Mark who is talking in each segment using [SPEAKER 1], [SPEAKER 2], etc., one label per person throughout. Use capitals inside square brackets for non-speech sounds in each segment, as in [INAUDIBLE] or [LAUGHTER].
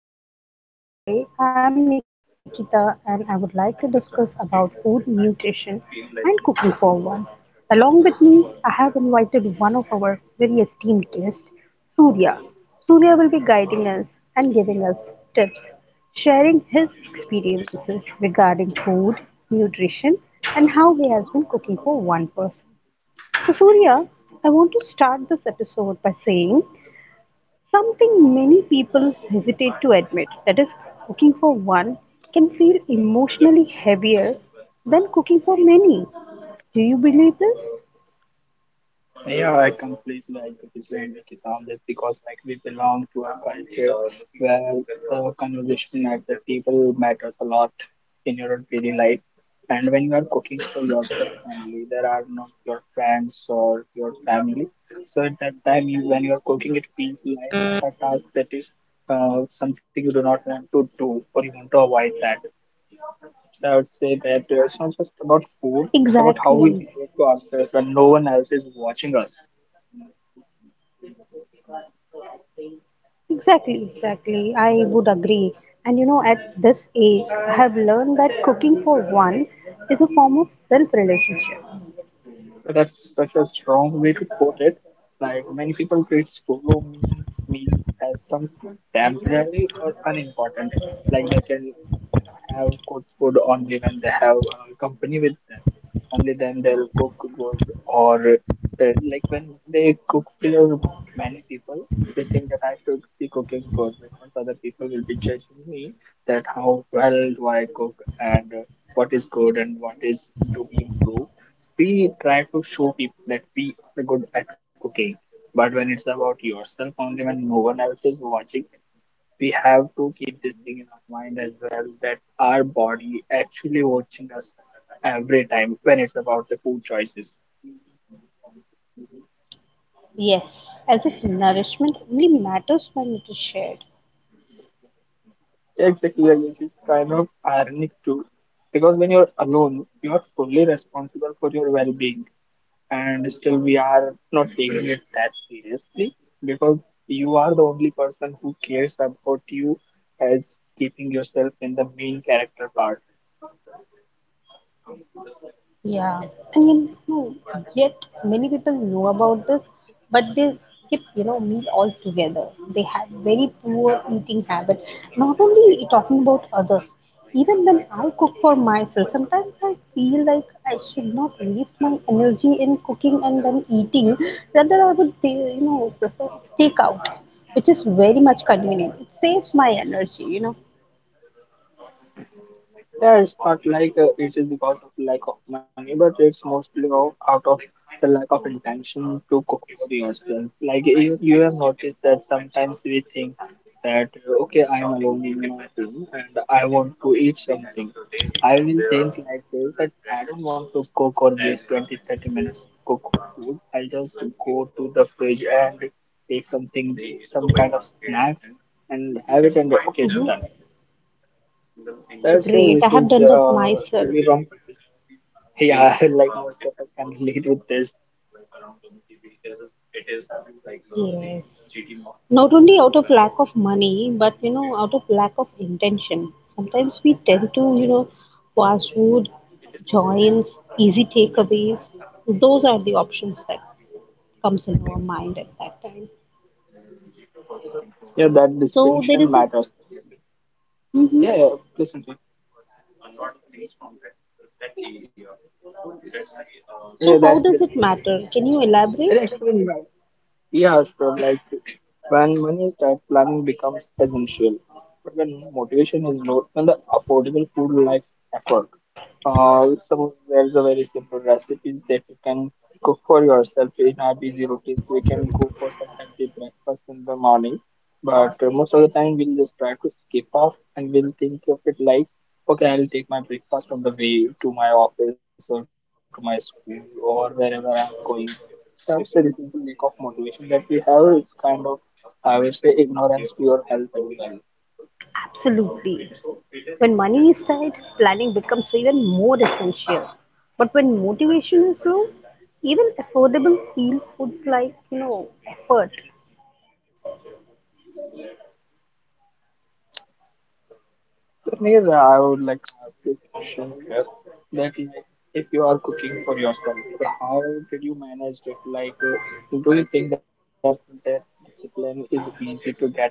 [SPEAKER 1] Hello everyone. Today I am Nikita and I would like to discuss about food nutrition and cooking for one. Along with me, I have invited one of our very esteemed guests, Surya. Surya will be guiding us and giving us tips, sharing his experiences regarding food, nutrition, and how he has been cooking for one person. So, Surya, I want to start this episode by saying something many people hesitate to admit, that is, cooking for one can feel emotionally heavier than cooking for many. Do you believe this?
[SPEAKER 2] Yeah, I completely agree with on this because like we belong to a culture where the conversation at the table matters a lot in your daily life. And when you are cooking for yourself only, there are not your friends or your family. So at that time, when you are cooking, it feels like a task that is something you do not want to do or you want to avoid that. So I would say that it's not just about food, it's about
[SPEAKER 1] Exactly,
[SPEAKER 2] how we relate to ourselves when no one else is watching us.
[SPEAKER 1] exactly, exactly. I would agree. And you know, at this age, I have learned that cooking for one is a form of self relationship.
[SPEAKER 2] That's such a strong way to put it. Like many people treat solo meals as something temporary or unimportant. Like they can have good food only when they have company with them. Only then they'll cook good or uh, like when they cook for many people, they think that I should be cooking good because other people will be judging me that how well do I cook and what is good and what is to be improved. We try to show people that we are good at cooking, but when it's about yourself only, when no one else is watching, we have to keep this thing in our mind as well that our body actually watching us every time when it's about the food choices.
[SPEAKER 1] Yes, as if nourishment only matters when it is shared.
[SPEAKER 2] Exactly, like, which is kind of ironic too, because when you're alone, you are fully responsible for your well-being, and still we are not taking it that seriously because you are the only person who cares about you as keeping yourself in the main character part.
[SPEAKER 1] Yeah, and you know, yet many people know about this, but they skip, meal altogether. They have very poor eating habit. Not only talking about others, even when I cook for myself, sometimes I feel like I should not waste my energy in cooking and then eating. Rather, I would, prefer takeout, which is very much convenient. It saves my energy.
[SPEAKER 2] Yeah, it's not like it is because of lack of money, but it's mostly out of the lack of intention to cook for yourself. Like you have noticed that sometimes we think that okay, I am alone in my room and I want to eat something. I will think like this that I don't want to cook or waste 20 30 minutes to cook food. I'll just go to the fridge and take something, some kind of snacks and have it and okay, it's
[SPEAKER 1] Hmm.
[SPEAKER 2] done. That's so
[SPEAKER 1] Great, I
[SPEAKER 2] this
[SPEAKER 1] have
[SPEAKER 2] is
[SPEAKER 1] done that myself.
[SPEAKER 2] Really wrong. Yeah, [LAUGHS] like most of us can relate with this.
[SPEAKER 1] Yes. Not only out of lack of money, but you know, out of lack of intention. Sometimes we tend to, you know, fast food, joints, easy takeaways. Those are the options that comes in our mind at that time.
[SPEAKER 2] Yeah, that
[SPEAKER 1] So there
[SPEAKER 2] distinction
[SPEAKER 1] is a.
[SPEAKER 2] matters.
[SPEAKER 1] Mhm.
[SPEAKER 2] Yeah, yeah, please continue.
[SPEAKER 1] So
[SPEAKER 2] Yeah,
[SPEAKER 1] how
[SPEAKER 2] that's
[SPEAKER 1] does
[SPEAKER 2] this.
[SPEAKER 1] it matter? Can you
[SPEAKER 2] And
[SPEAKER 1] elaborate?
[SPEAKER 2] actually, my- yeah, Ashton, like when money is tight, planning becomes essential. But when motivation is low, then the affordable food life's effort. Some There's a very simple recipes that you can cook for yourself in our busy routines. We can go for some healthy breakfast in the morning, but most of the time we'll just try to skip off and we'll think of it like, okay, I'll take my breakfast on the way to my office or to my school or wherever I'm going. That's the reasonable lack of motivation that we have. It's kind of, I would say, ignorance to your health as well.
[SPEAKER 1] Absolutely. When money is tight, planning becomes even more essential. But when motivation is low, even affordable feel foods like, you know, effort.
[SPEAKER 2] So, Neil, I would like to ask you a question here that like, if you are cooking for yourself, so how did you manage it? Like, do you think that that discipline is easy to get into?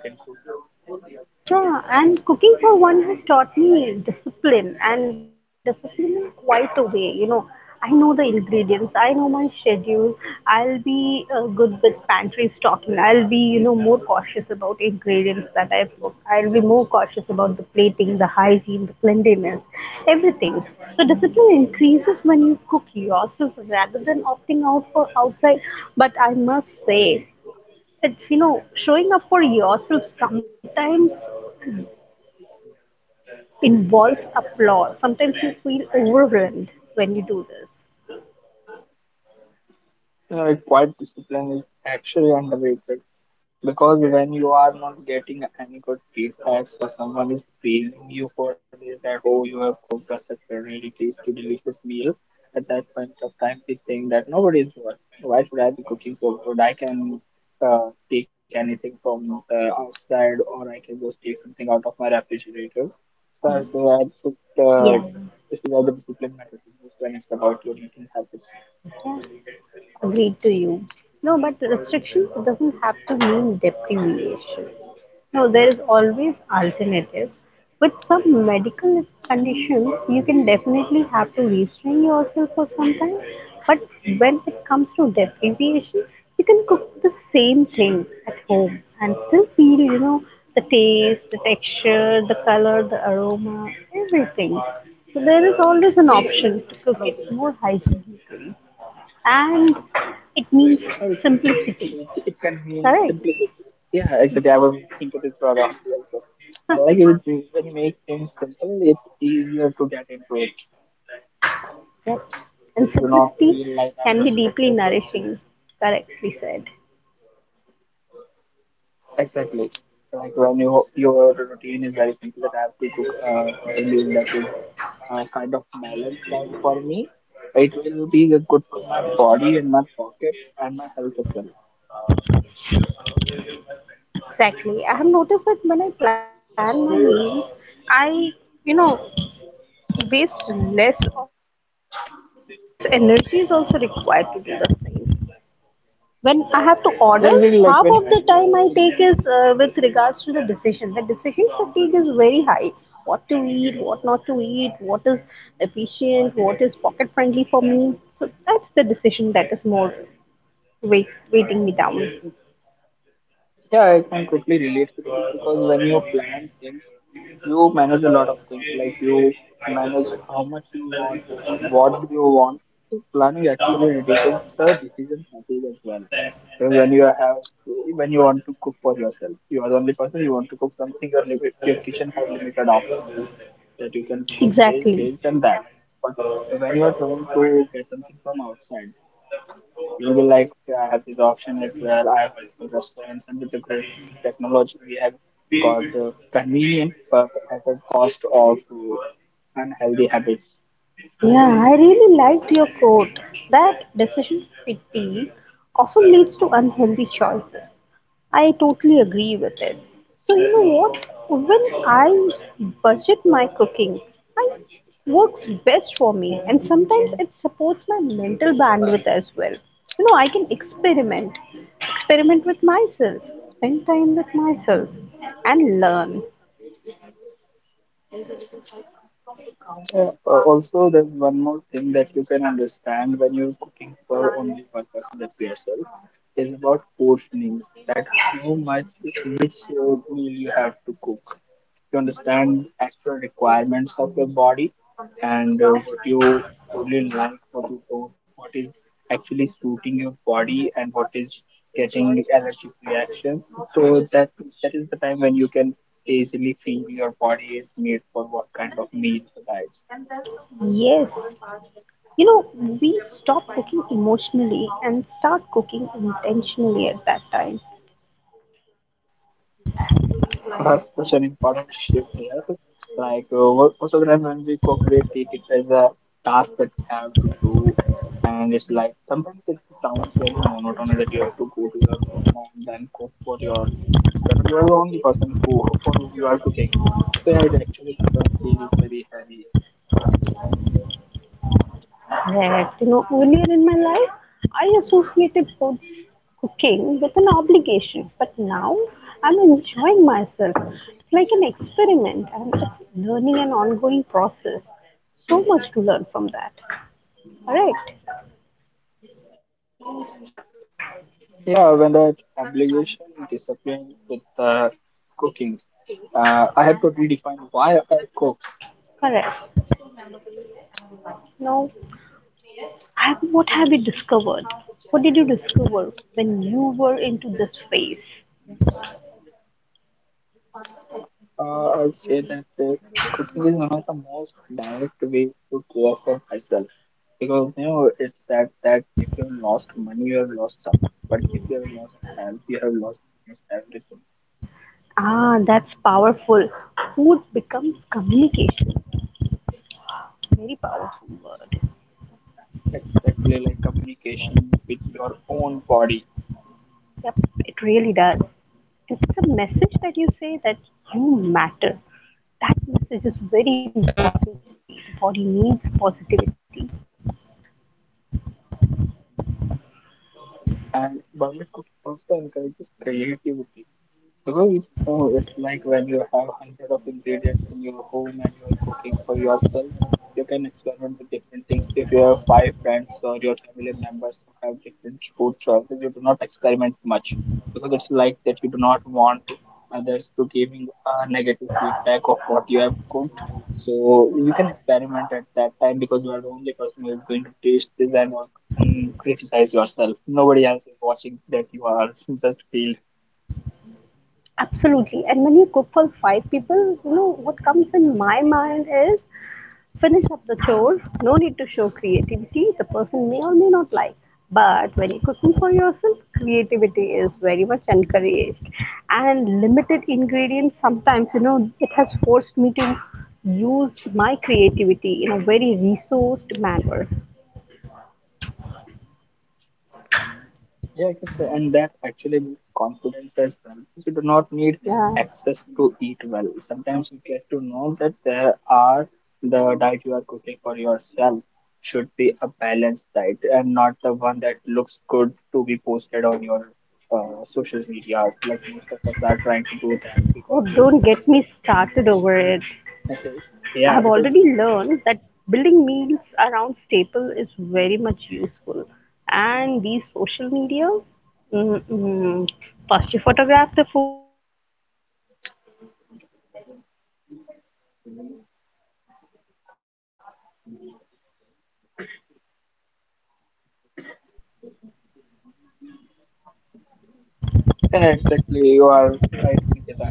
[SPEAKER 1] Yeah, and cooking for one has taught me discipline and discipline in quite a way. You know, I know the ingredients, I know my schedule. I'll be good with pantry stocking. I'll be, you know, more cautious about ingredients that I cook. I'll be more cautious about the plating, the hygiene, the cleanliness, everything. So discipline increases when you cook yourself rather than opting out for outside. But I must say, it's you know showing up for yourself sometimes involves applause. Sometimes you feel overwhelmed when you do this.
[SPEAKER 2] Quiet discipline is actually underrated because when you are not getting any good feedback or someone is praising you for this that oh you have cooked us such a really tasty delicious meal at that point of time we think that nobody is good why should I be cooking so good I can take anything from the outside or I can just take something out of my refrigerator so I say that
[SPEAKER 1] Yeah.
[SPEAKER 2] this is where the discipline matters the most when it's about your eating habits.
[SPEAKER 1] Yeah. Agreed to you. No, but restriction doesn't have to mean deprivation. No, there is always alternatives. With some medical conditions, you can definitely have to restrain yourself for some time. But when it comes to deprivation, you can cook the same thing at home and still feel, you know, the taste, the texture, the color, the aroma, everything. So there is always an option to cook it more hygienically and it means
[SPEAKER 2] Oh, we can say
[SPEAKER 1] simplicity.
[SPEAKER 2] it can be
[SPEAKER 1] Correct?
[SPEAKER 2] simplicity. Yeah, exactly. I was into this rather also. I like it when you make things simple, it's easier to get into it.
[SPEAKER 1] Yes. And
[SPEAKER 2] Like you do not
[SPEAKER 1] simplicity
[SPEAKER 2] feel like I'm
[SPEAKER 1] can be deeply
[SPEAKER 2] restricted to things.
[SPEAKER 1] nourishing. Correctly said.
[SPEAKER 2] Exactly. Like when your routine is very simple, that I have to cook something meal that is kind of balanced. But for me, it will be good for my body and my pocket and my health as well.
[SPEAKER 1] Exactly. I have noticed that when I plan
[SPEAKER 2] So,
[SPEAKER 1] my meals, I, you know, waste less of food and less energy is also required to do the thing. When I have to
[SPEAKER 2] yeah, really
[SPEAKER 1] order,
[SPEAKER 2] like when you
[SPEAKER 1] half of
[SPEAKER 2] plan
[SPEAKER 1] the
[SPEAKER 2] things.
[SPEAKER 1] time I take is with regards to the decision. The decision fatigue is very high. What to eat, what not to eat, what is efficient, what is pocket friendly for me. So that's the decision that is more weighting me down.
[SPEAKER 2] Yeah, I can quickly relate with this because when you plan things, you manage a lot of things. Like you manage how much you want, what do you want. So planning actually reduces the decision fatigue as well. So when you want to cook for yourself, you are the only person you want to cook something. Your limit, your kitchen have limited options that you can cook this, this,
[SPEAKER 1] Exactly.
[SPEAKER 2] and that. But when you are trying to get something from outside. You will like have this option as well. I have multiple restaurants, and with the growing technology, we have got convenient but at the cost of unhealthy habits.
[SPEAKER 1] Yeah, I really liked your quote. That decision fatigue often leads to unhealthy choices. I totally agree with it. So, you know what? When I budget my cooking, I works best for me and sometimes it supports my mental bandwidth as well. You know, experiment with myself, spend time with myself and learn.
[SPEAKER 2] Yeah, also, there's one more thing that you can understand when you're cooking for only one person, that's yourself, is about portioning. That how much, which meal you have to cook. You understand actual requirements of your body and what you truly like, what you don't, what is actually suiting your body, and what is getting allergic reactions. So that is the time when you can easily feel your body is made for what kind of meals or diets.
[SPEAKER 1] Yes. You know, we stop cooking emotionally and start cooking intentionally at that time.
[SPEAKER 2] That's such an important shift here. Like most of the time when we cook, we take it as a task that we have to do, and it's like sometimes it sounds very monotonous that you have to go to your home and then cook for yourself, and you are the only person who for whom you are cooking. So yeah, it actually sometimes feels very heavy.
[SPEAKER 1] Correct. You know, earlier in my life, I associated food cooking with an obligation, but now I'm enjoying myself. It's like an experiment and it's learning an ongoing process. So much to learn from that. Correct.
[SPEAKER 2] Yeah, when the obligation disappeared with the cooking, I had to redefine why I cook.
[SPEAKER 1] Correct. Now, what have you discovered? What did you discover when you were into this phase?
[SPEAKER 2] Uh, I would say that cooking is one of the most direct way to care for myself because you know it's that if you have lost money, you have lost something, but if you have lost health, you have lost almost everything.
[SPEAKER 1] Ah, that's powerful. Food becomes communication. Very powerful word.
[SPEAKER 2] Exactly, like communication with your own body.
[SPEAKER 1] Yep, it really does. And the message that you say that you matter, that message is very important to the body. The body needs positivity.
[SPEAKER 2] And bubble cook also encourages creativity because it's like when you have hundred of ingredients in your home and you're cooking for yourself, you can experiment with different things. If you have five friends or your family members who have different food choices, you do not experiment much because it's like that you do not want others to giving a negative feedback of what you have cooked. So you can experiment at that time because you are the only person who is going to taste this and all and criticize yourself. Nobody else is watching that you are [LAUGHS] just failed.
[SPEAKER 1] Absolutely. And when you cook for five people, you know, what comes in my mind is finish up the chore, no need to show creativity, the person may or may not like. But when you're cooking for yourself, creativity is very much encouraged. And limited ingredients, sometimes, you know, it has forced me to use my creativity in a very resourced manner.
[SPEAKER 2] Yeah, I can say, and that actually builds confidence as well. You do not need
[SPEAKER 1] Yeah.
[SPEAKER 2] access to eat well. Sometimes you get to know that there are the diet you are cooking for yourself should be a balanced diet and not the one that looks good to be posted on your social medias. Like most of us are
[SPEAKER 1] Oh,
[SPEAKER 2] trying to do
[SPEAKER 1] don't get
[SPEAKER 2] that
[SPEAKER 1] me
[SPEAKER 2] because
[SPEAKER 1] started
[SPEAKER 2] that's the
[SPEAKER 1] over it. I have already
[SPEAKER 2] [LAUGHS] yeah,
[SPEAKER 1] learned
[SPEAKER 2] because
[SPEAKER 1] that building meals around staple is very much useful. And these social media, mm, mm, first you photograph the food, eat it with your eyes, then the social media remarks, and at last we are having our food.
[SPEAKER 2] yeah, exactly. You are right, Nikita.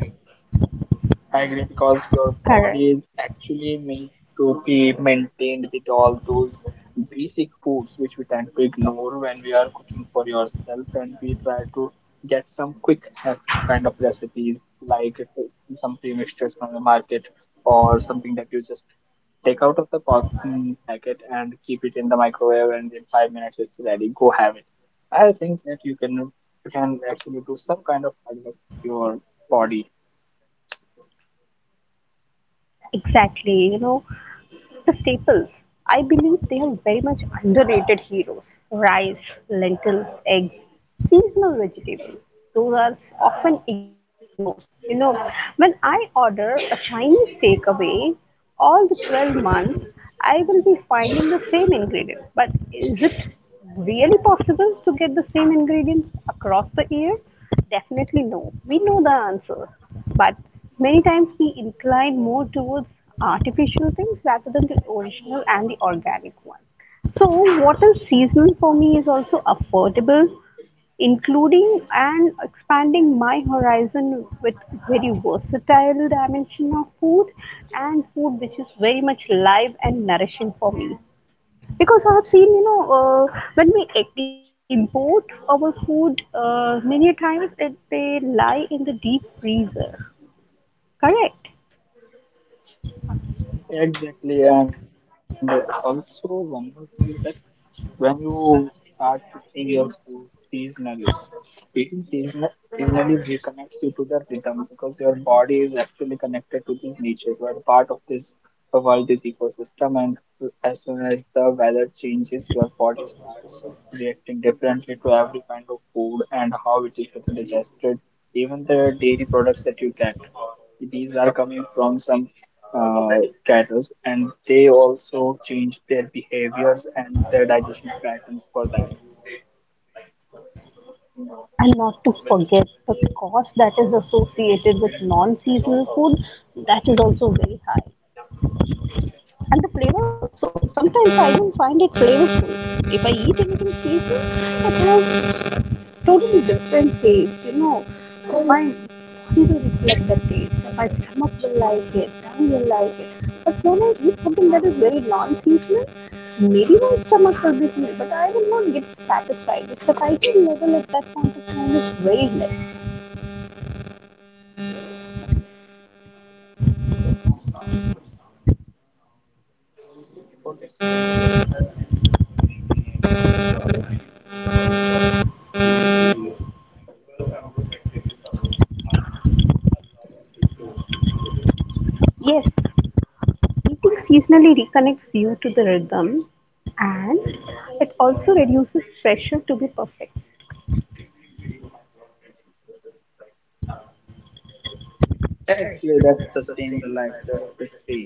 [SPEAKER 2] I agree because your
[SPEAKER 1] Correct.
[SPEAKER 2] body is actually made to be maintained with all those basic foods which we tend to ignore when we are cooking for yourself and we try to get some quick hacks kind of recipes like some pre-mixtures from the market or something that you just take out of the packet and keep it in the microwave and in 5 minutes it's ready. Go have it. I think that you can actually do some kind of hard work to your body.
[SPEAKER 1] Exactly. You know, the staples. I believe they are very much underrated heroes. Rice, lentil, eggs, seasonal vegetables. Those are often ignored. You know, when I order a Chinese takeaway all the 12 months, I will be finding the same ingredient. But is it really possible to get the same ingredients across the year? Definitely no. We know the answer. But many times we incline more towards artificial things rather than the original and the organic one. So, what is seasonal for me is also affordable, including and expanding my horizon with very versatile dimension of food and food which is very much live and nourishing for me. Because I have seen, you know, when we import our food, many times they lie in the deep freezer. Correct.
[SPEAKER 2] Exactly, and also one more thing is that when you start fixing your food seasonally, eating seasonal, seasonally reconnects you to the rhythm because your body is actually connected to this nature. You are part of this world, this ecosystem, and as soon as the weather changes, your body starts reacting differently to every kind of food and how it is getting digested. Even the dairy products that you get, these are coming from some uh, cattle, and they also change their behaviors and their digestion patterns for that.
[SPEAKER 1] And not to forget the cost that is associated with non seasonal food, that is also very high. And the flavor also. Sometimes I even find it flavorful. If I eat anything seasonal, it has totally different taste, you know. My body will reflect that taste. My stomach will like it, tongue will like it. But when I eat something that is very non-seasonal, maybe my stomach will be full, but I will not get satisfied. The satiety level at that point of time is very less. Yes, eating seasonally reconnects you to the rhythm and it also reduces pressure to be perfect.
[SPEAKER 2] Actually, that sustain the life just the same.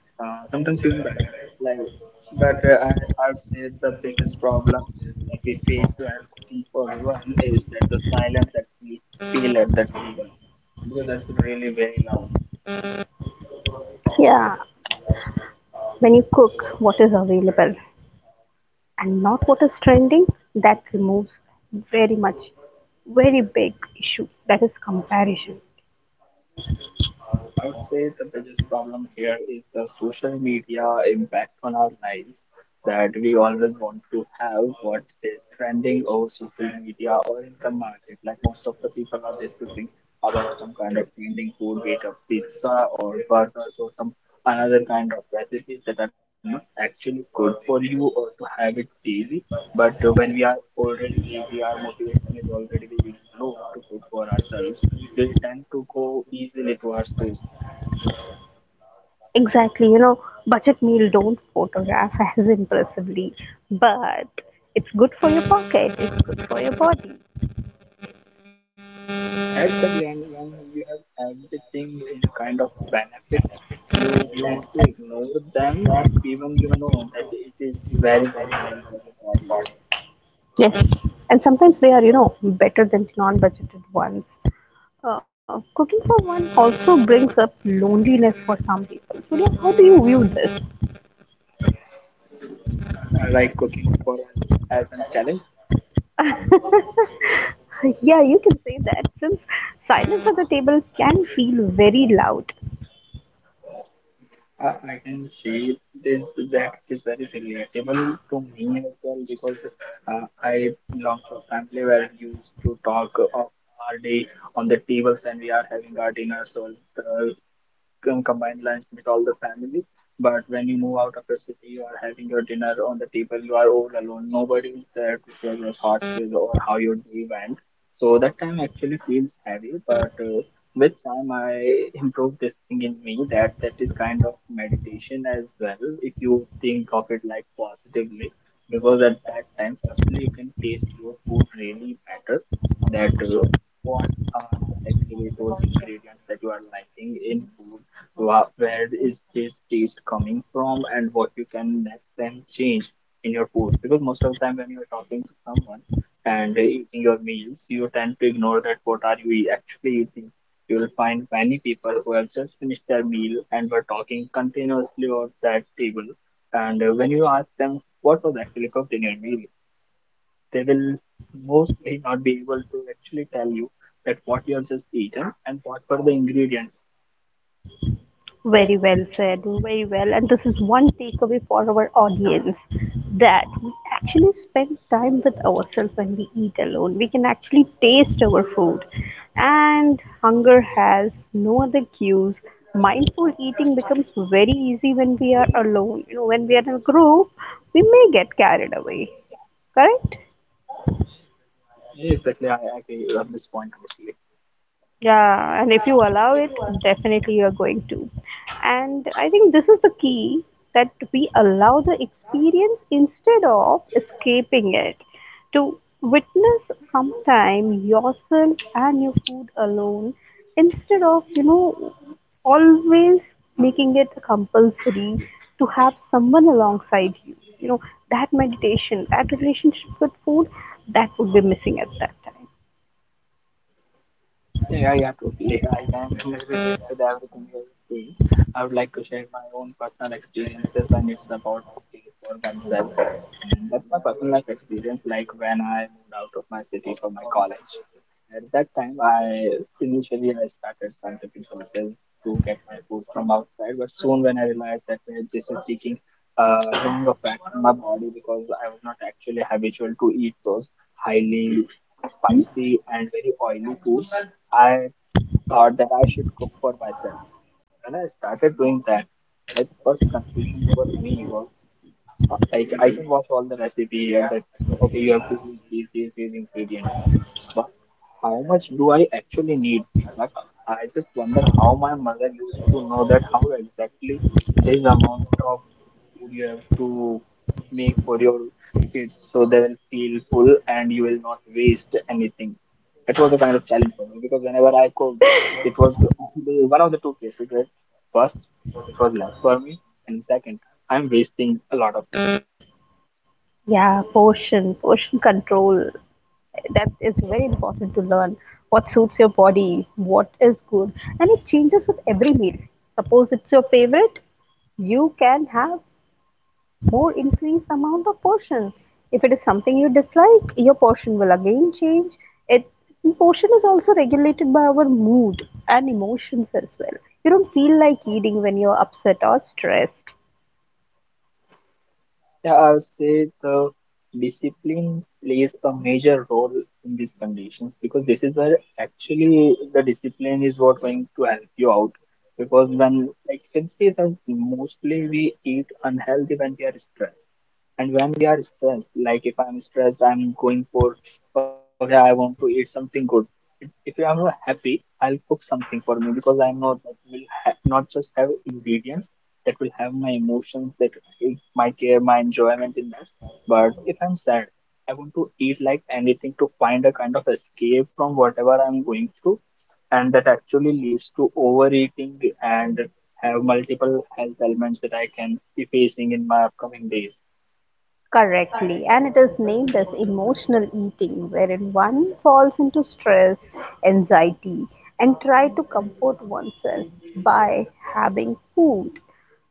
[SPEAKER 2] Sometimes even better. Like, but I'd say the biggest problem that we face while cooking for one is that the silence that we feel at the table because that's really very loud.
[SPEAKER 1] Yeah, when you cook, what is available? And not what is trending, that removes very much, very big issue that is comparison.
[SPEAKER 2] I would say the biggest problem here is the social media impact on our lives that we always want to have what is trending over social media or in the market. Like most of the people are discussing about some kind of trending food, be it a pizza or burgers or some another kind of recipes that are not actually good for you or to have it daily. But when we are already lazy, our motivation is already very low to cook for ourselves, we tend to go easily towards those.
[SPEAKER 1] Exactly, you know, budget meal don't photograph as impressively, but it's good for your pocket, it's good for your body.
[SPEAKER 2] As the client, when you have everything in a kind of benefit, you tend to ignore them even you know that it is very valuable for the body.
[SPEAKER 1] Yes, and sometimes they are, you know, better than non-budgeted ones. Cooking for one also brings up loneliness for some people. So, yeah, how do you view this?
[SPEAKER 2] Like cooking for as a challenge,
[SPEAKER 1] [LAUGHS] [LAUGHS] Yeah, you can say that since silence at the table can feel very loud.
[SPEAKER 2] I can see this, that is very relatable to me as well because I belong to a family where we used to talk of our day on the tables when we are having our dinners or the combined lunch with all the family. But when you move out of the city, you are having your dinner on the table. You are all alone. Nobody is there to share your thoughts with or how your day went. So that time actually feels heavy. But with time, I improved this thing in me that is kind of meditation as well. If you think of it like positively, because at that time, firstly, you can taste your food really matters. That What are actually those ingredients that you are liking in food? Wow, where is this taste coming from and what you can next time change in your food? Because most of the time when you're talking to someone and they're eating your meals, you tend to ignore that what are you actually eating. You will find many people who have just finished their meal and were talking continuously on that table. And when you ask them what was actually cooked in your meal, they will mostly not be able to actually tell you that what you have just eaten and what were the ingredients.
[SPEAKER 1] Very well said, very well. And this is one takeaway for our audience that we actually spend time with ourselves when we eat alone. We can actually taste our food. And hunger has no other cues. Mindful eating becomes very easy when we are alone. You know, when we are in a group, we may get carried away. Correct?
[SPEAKER 2] Yeah, exactly. I agree on this point totally.
[SPEAKER 1] Yeah, and if you allow it, definitely you're going to. And I think this is the key that we allow the experience instead of escaping it. To witness sometime yourself and your food alone instead of, you know, always making it compulsory to have someone alongside you. You know, that meditation, that relationship with food, that would be missing at that time.
[SPEAKER 2] Yeah, yeah, totally. I can relate with everything you're saying. I would like to share my own personal experiences, when it's about cooking for oneself. And that's my personal life experience, like when I moved out of my city for my college. At that time, I initially I started scientific sources to get my food from outside, but soon when I realized that this is taking a wrong effect on my body because I was not actually habitual to eat those highly spicy and very oily foods. I thought that I should cook for myself. When I started doing that, like the first confusion for me was like I can watch all the recipe and that okay you have to use these ingredients, but how much do I actually need? Like I just wonder how my mother used to know that how exactly this amount of food you have to make for your kids so they will feel full and you will not waste anything. It was a kind of challenge for me because whenever I cooked, it was the one of the two cases. Right? First, it was less for me, and second, I'm wasting a lot of food.
[SPEAKER 1] Yeah, portion control. That is very important to learn what suits your body, what is good, and it changes with every meal. Suppose it's your favorite, you can have more increased amount of portion. If it is something you dislike, your portion will again change. It and portion is also regulated by our mood and emotions as well. You don't feel like eating when you're upset or stressed.
[SPEAKER 2] Yeah, I would say the discipline plays a major role in these conditions because this is where actually the discipline is what going to help you out. Because when like you can see that mostly we eat unhealthy when we are stressed. And when we are stressed, like if I'm stressed, I'm going for, okay, I want to eat something good. If I'm not happy, I'll cook something for me because I know that will not just have ingredients that will have my emotions, that my care, my enjoyment in that. But if I'm sad, I want to eat like anything to find a kind of escape from whatever I'm going through, and that actually leads to overeating and have multiple health elements that I can be facing in my upcoming days.
[SPEAKER 1] Correctly, and it is named as emotional eating, wherein one falls into stress, anxiety, and try to comfort oneself by having food.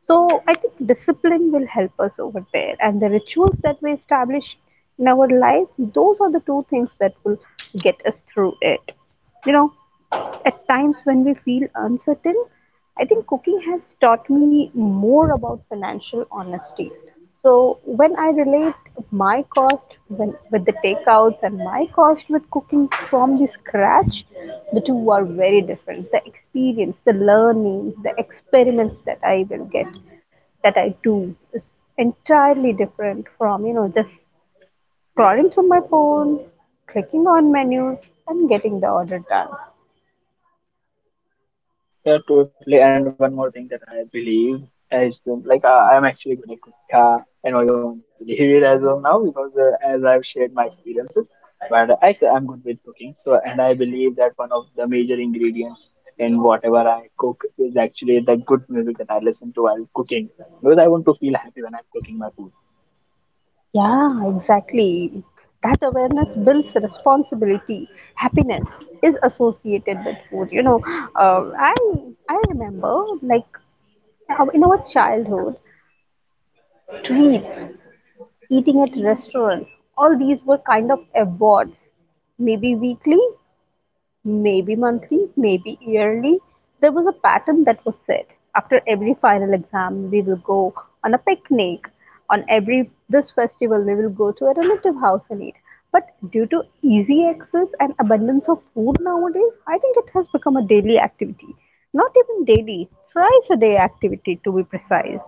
[SPEAKER 1] So I think discipline will help us over there, and the rituals that we establish in our life, those are the two things that will get us through it. You know, at times when we feel uncertain, I think cooking has taught me more about financial honesty. So when I relate my with the takeouts and my cost with cooking from the scratch, the two are very different. The experience, the learning, the experiments that I will get, that I do is entirely different from, you know, just scrolling through my phone, clicking on menus and getting the order done.
[SPEAKER 2] Yeah, totally. And one more thing that I believe is like I'm actually going to I know you won't believe it as of now because as I've shared my experiences, but actually I'm good with cooking. So and I believe that one of the major ingredients in whatever I cook is actually the good music that I listen to while cooking because I want to feel happy when I'm cooking my food.
[SPEAKER 1] Yeah, exactly. That awareness builds responsibility. Happiness is associated with food. You know, uh, I I remember like in our childhood, treats, eating at restaurants, all these were kind of awards, maybe weekly maybe monthly, maybe yearly. There was a pattern that was set. After every final exam, we will go on a picnic. On every this festival, we will go to a relative house and eat. But due to easy access and abundance of food nowadays, I think it has become a daily activity. Not even daily, thrice a day activity to be precise.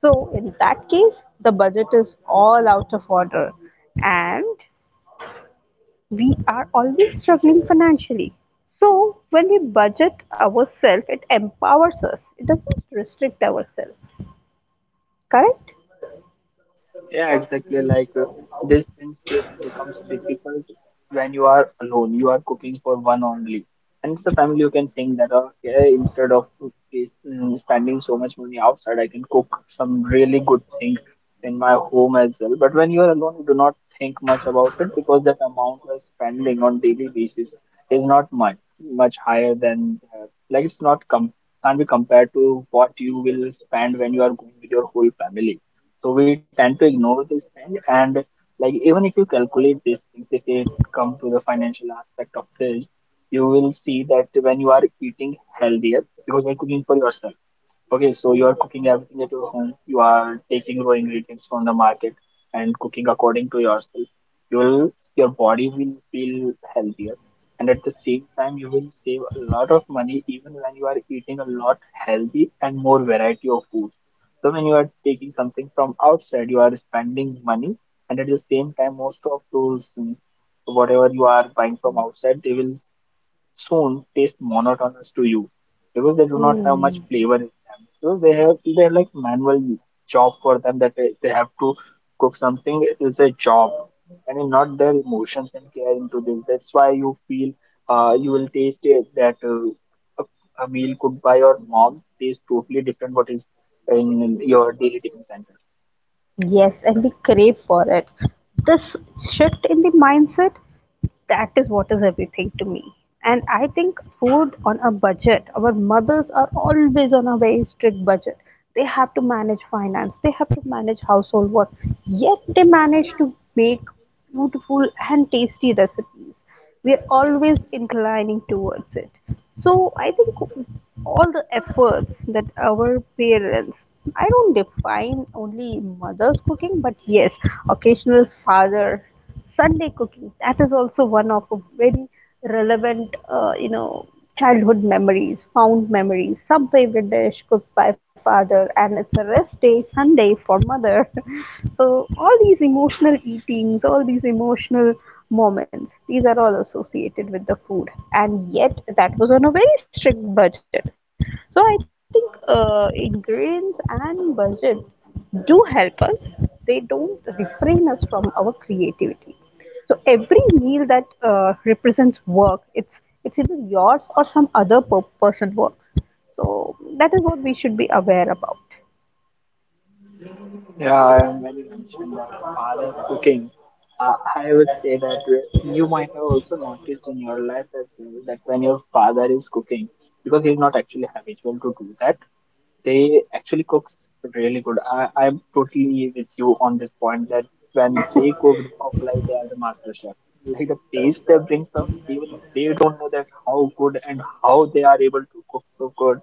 [SPEAKER 1] So in that case, the budget is all out of order. And we are always struggling financially. So, when we budget ourselves, it empowers us, it doesn't restrict ourselves. Correct?
[SPEAKER 2] Yeah, exactly. Like this principle becomes difficult when you are alone. You are cooking for one only, and it's the family you can think that okay, instead of spending so much money outside, I can cook some really good thing in my home as well. But when you are alone, you do not think much about it because that amount you are spending on daily basis is not much higher than like it's not com can't be compared to what you will spend when you are going with your whole family, so we tend to ignore this thing. And like even if you calculate these things, if it come to the financial aspect of this, you will see that when you are eating healthier, because you're cooking for yourself. Okay, so you are cooking everything at your home. You are taking raw ingredients from the market and cooking according to yourself. Your body will feel healthier, and at the same time, you will save a lot of money even when you are eating a lot healthy and more variety of food. So when you are taking something from outside, you are spending money, and at the same time, most of those whatever you are buying from outside, they will soon taste monotonous to you because they do not have much
[SPEAKER 1] Hmm.
[SPEAKER 2] flavor in them. So they're like manual job for them that they have to cook something. It is a job, and it's not their emotions and care into this. That's why you feel you will taste it, that a meal cooked by your mom tastes totally different what is in your daily tiffin center.
[SPEAKER 1] Yes, and we crave for it. This shift in the mindset, that is what is everything to me. And I think food on a budget, our mothers are always on a very strict budget. They have to manage finance, they have to manage household work, yet they manage to make beautiful and tasty recipes we're always inclining towards it. So I think all the efforts that our parents, I don't define only mother's cooking, but yes, occasional father Sunday cooking, that is also one of a very relevant childhood memories, fond memories, some favorite dish cooked by father, and it's a rest day Sunday for mother. [LAUGHS] So, all these emotional eatings, all these emotional moments, these are all associated with the food, and yet that was on a very strict budget. So, I think ingredients and budget do help us, they don't refrain us from our creativity. So every meal that represents work, it's it's either yours or some other person work. So that is what we should be aware about.
[SPEAKER 2] Yeah, when you mentioned that father's cooking, I would say that you might have also noticed in your life as well that when your father is cooking, because he's not actually habitual to do that, they actually cooks really good. I'm totally with you on this point that when they cook like they are the master chef. Like the taste they brings up, even they don't know that how good and how they are able to cook so good.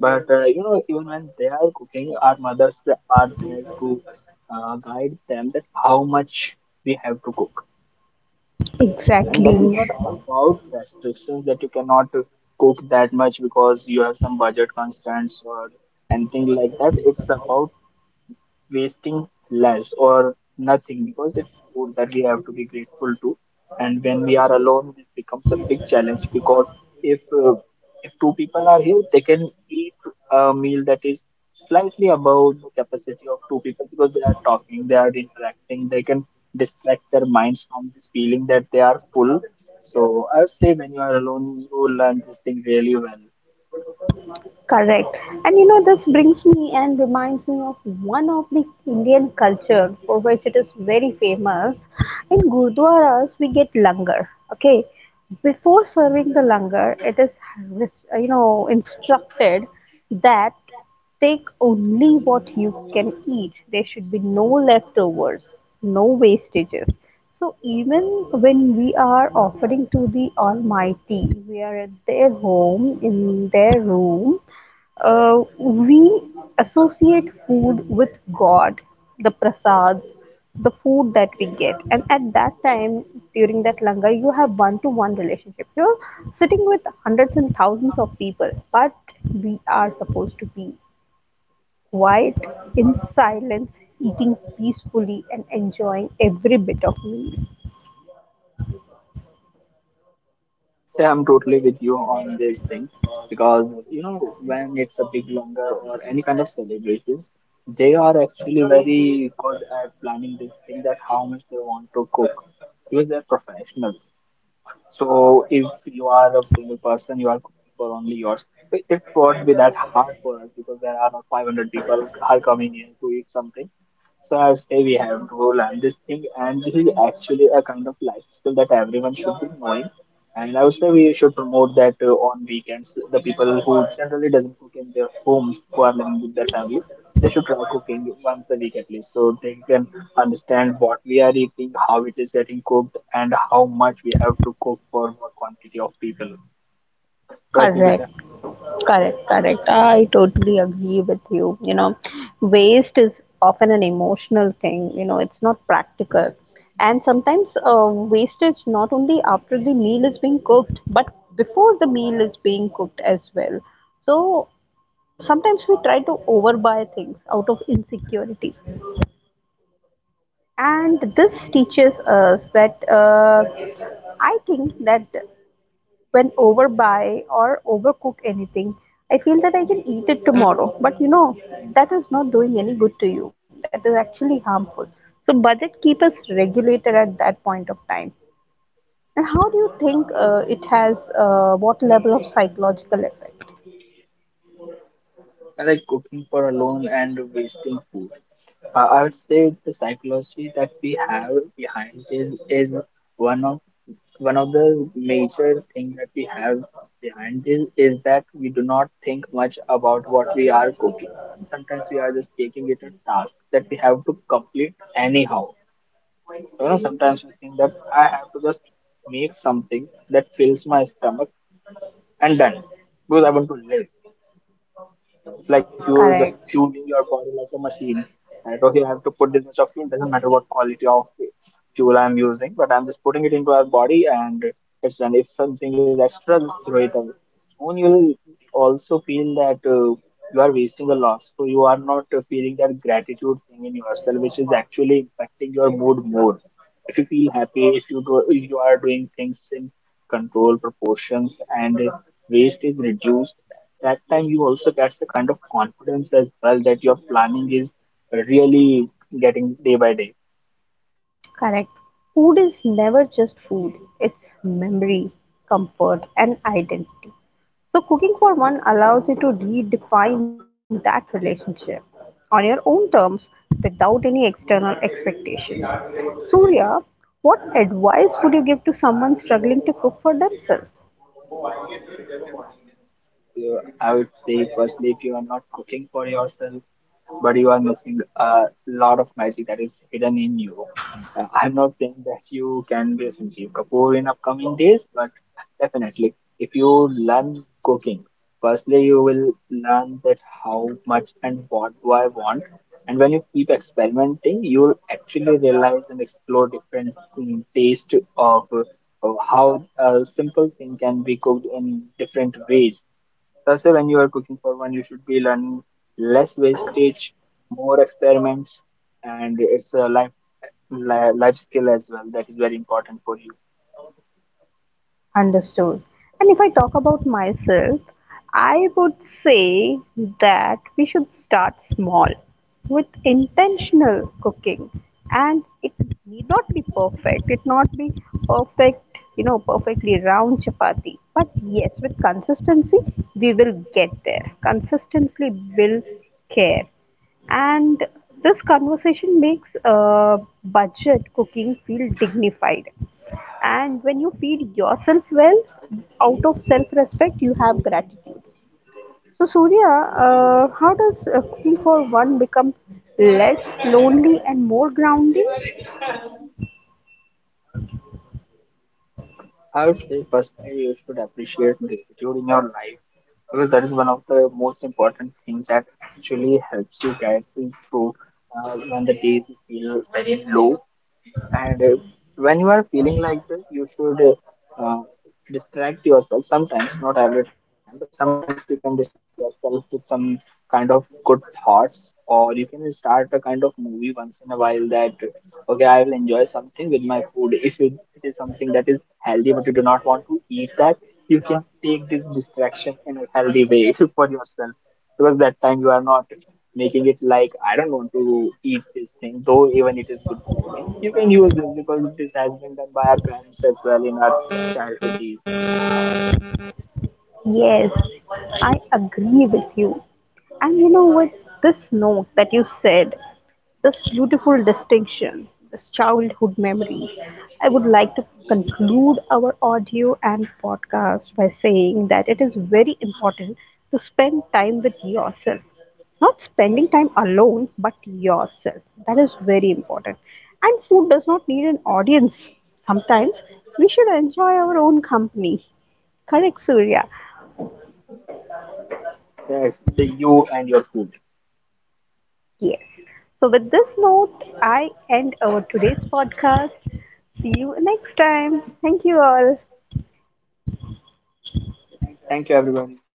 [SPEAKER 2] But you know, even when they are cooking, our mothers are there to guide them that how much we have to cook. Yeah, and that
[SPEAKER 1] Exactly.
[SPEAKER 2] is not about restrictions that you cannot cook that much because you have some budget constraints or anything like that, it's about wasting less or nothing because it's food that we have to be grateful to. And when we are alone, this becomes a big challenge because if uh, if two people are here, they can eat a meal that is slightly above the capacity of two people because they are talking, they are interacting, they can distract their minds from this feeling that they are full. So I say when you are alone, you learn this thing really well.
[SPEAKER 1] Correct. And you know, this brings me and reminds me of one of the Indian culture for which it is very famous. In Gurdwaras, we get langar. Okay. Before serving the langar, it is, you know, instructed that take only what you can eat. There should be no leftovers, no wastages. So even when we are offering to the Almighty, we are at their home, in their room, we associate food with God, the prasads, the food that we get. And at that time, during that langar, you have one to one relationship. You're sitting with hundreds and thousands of people, but we are supposed to be quiet, in silence, eating peacefully, and enjoying every bit of meal.
[SPEAKER 2] Yeah, I'm totally with you on this thing because you know when it's a big longer or any kind of celebrations, they are actually very good at planning this thing that how much they want to cook because they're professionals. So if you are a single person, you are cooking for only yours. It won't be that hard for us because there are not 500 people are coming in to eat something. So I say we have to learn this thing, and this is actually a kind of life skill that everyone should be knowing. And I would say we should promote that on weekends. The people who generally doesn't cook in their homes, who are living with their family, they should try cooking once a week at least, so they can understand what we are eating, how it is getting cooked, and how much we have to cook for what quantity of people. Right,
[SPEAKER 1] Correct.
[SPEAKER 2] Nikita?
[SPEAKER 1] Correct, correct. I totally agree with you. You know, waste is often an emotional thing, you know, it's not practical. And sometimes wastage not only after the meal is being cooked, but before the meal is being cooked as well. So sometimes we try to overbuy things out of insecurity. And
[SPEAKER 2] Yeah,
[SPEAKER 1] this teaches us that I think that when overbuy or overcook anything, I feel that I can eat it tomorrow. But you know, that is not doing any good to you. That is actually harmful. So budget keep us regulated at that point of time. And how do you think it has what level of psychological effect?
[SPEAKER 2] I like cooking for alone and wasting food. I would say the psychology that we have behind this is one of one of the major thing that we have behind this is that we do not think much about what we are cooking. Sometimes we are just taking it a task that we have to complete anyhow. You know, sometimes we think that I have to just make something that fills my stomach and done because I want to live. It's like you are just
[SPEAKER 1] Correct.
[SPEAKER 2] fueling your body like a machine. Right? Okay, I have to put this much of fuel. Doesn't matter what quality of fuel I'm using, but I'm just putting it into our body, and it's done. If something is extra, just throw it away. Soon you'll also feel that you are wasting a lot, so you are not feeling that gratitude thing in yourself, which is actually impacting your mood more. If you feel happy, if you do, if you are doing things in control proportions and waste is reduced, that time you also get the kind of confidence as well that your planning is really getting day by day.
[SPEAKER 1] Correct. Food is never just food, it's memory, comfort, and identity. So, cooking for one allows you to redefine that relationship on your own terms without any external expectation. Surya, what advice would you give to someone struggling to cook for themselves?
[SPEAKER 2] So I would say, firstly, if you are not cooking for yourself, but you are missing a lot of magic that is hidden in you. I'm not saying that you can be Sanjeev Kapoor in upcoming days, but definitely, if you learn cooking, firstly, you will learn that how much and what do I want. And when you keep experimenting, you'll actually realize and explore different taste of how a simple thing can be cooked in different ways. That's why when you are cooking for one, you should be learning less wastage, more experiments, and it's a life life skill as well that is very important for you.
[SPEAKER 1] Understood. And if I talk about myself, I would say that we should start small with intentional cooking. And it need not be perfect, it not be perfect, you know, perfectly round chapati. But yes, with consistency, we will get there. Consistency builds care. And this conversation makes budget cooking feel dignified. And when you feed yourself well, out of self respect, you have gratitude. So, Surya, how does cooking for one become less lonely and more grounding?
[SPEAKER 2] I would say personally you should appreciate gratitude in your life because that is one of the most important things that actually helps you get through when the days you feel very low. And when you are feeling like this, you should uh, uh, distract yourself sometimes, not every time, but sometimes you can distract yourself with some kind of good thoughts, or you can start a kind of movie once in a while that, okay, I will enjoy something with my food. If you, it is something that is healthy, but you do not want to eat that, you can take this distraction in a healthy way [LAUGHS] for yourself because that time you are not making it like I don't want to eat this thing, though even it is good for me. You can use this because this has been done by our parents as well in our childhood days.
[SPEAKER 1] Yes, I agree with you. And you know, with this note that you said, this beautiful distinction, this childhood memory, I would like to conclude our audio and podcast by saying that it is very important to spend time with yourself. Not spending time alone, but yourself. That is very important. And food does not need an audience. Sometimes we should enjoy our own company. Correct, Surya.
[SPEAKER 2] Yes, the you and your food.
[SPEAKER 1] Yes. So, with this note, I end our today's podcast. See you next time. Thank you all.
[SPEAKER 2] Thank you, everyone.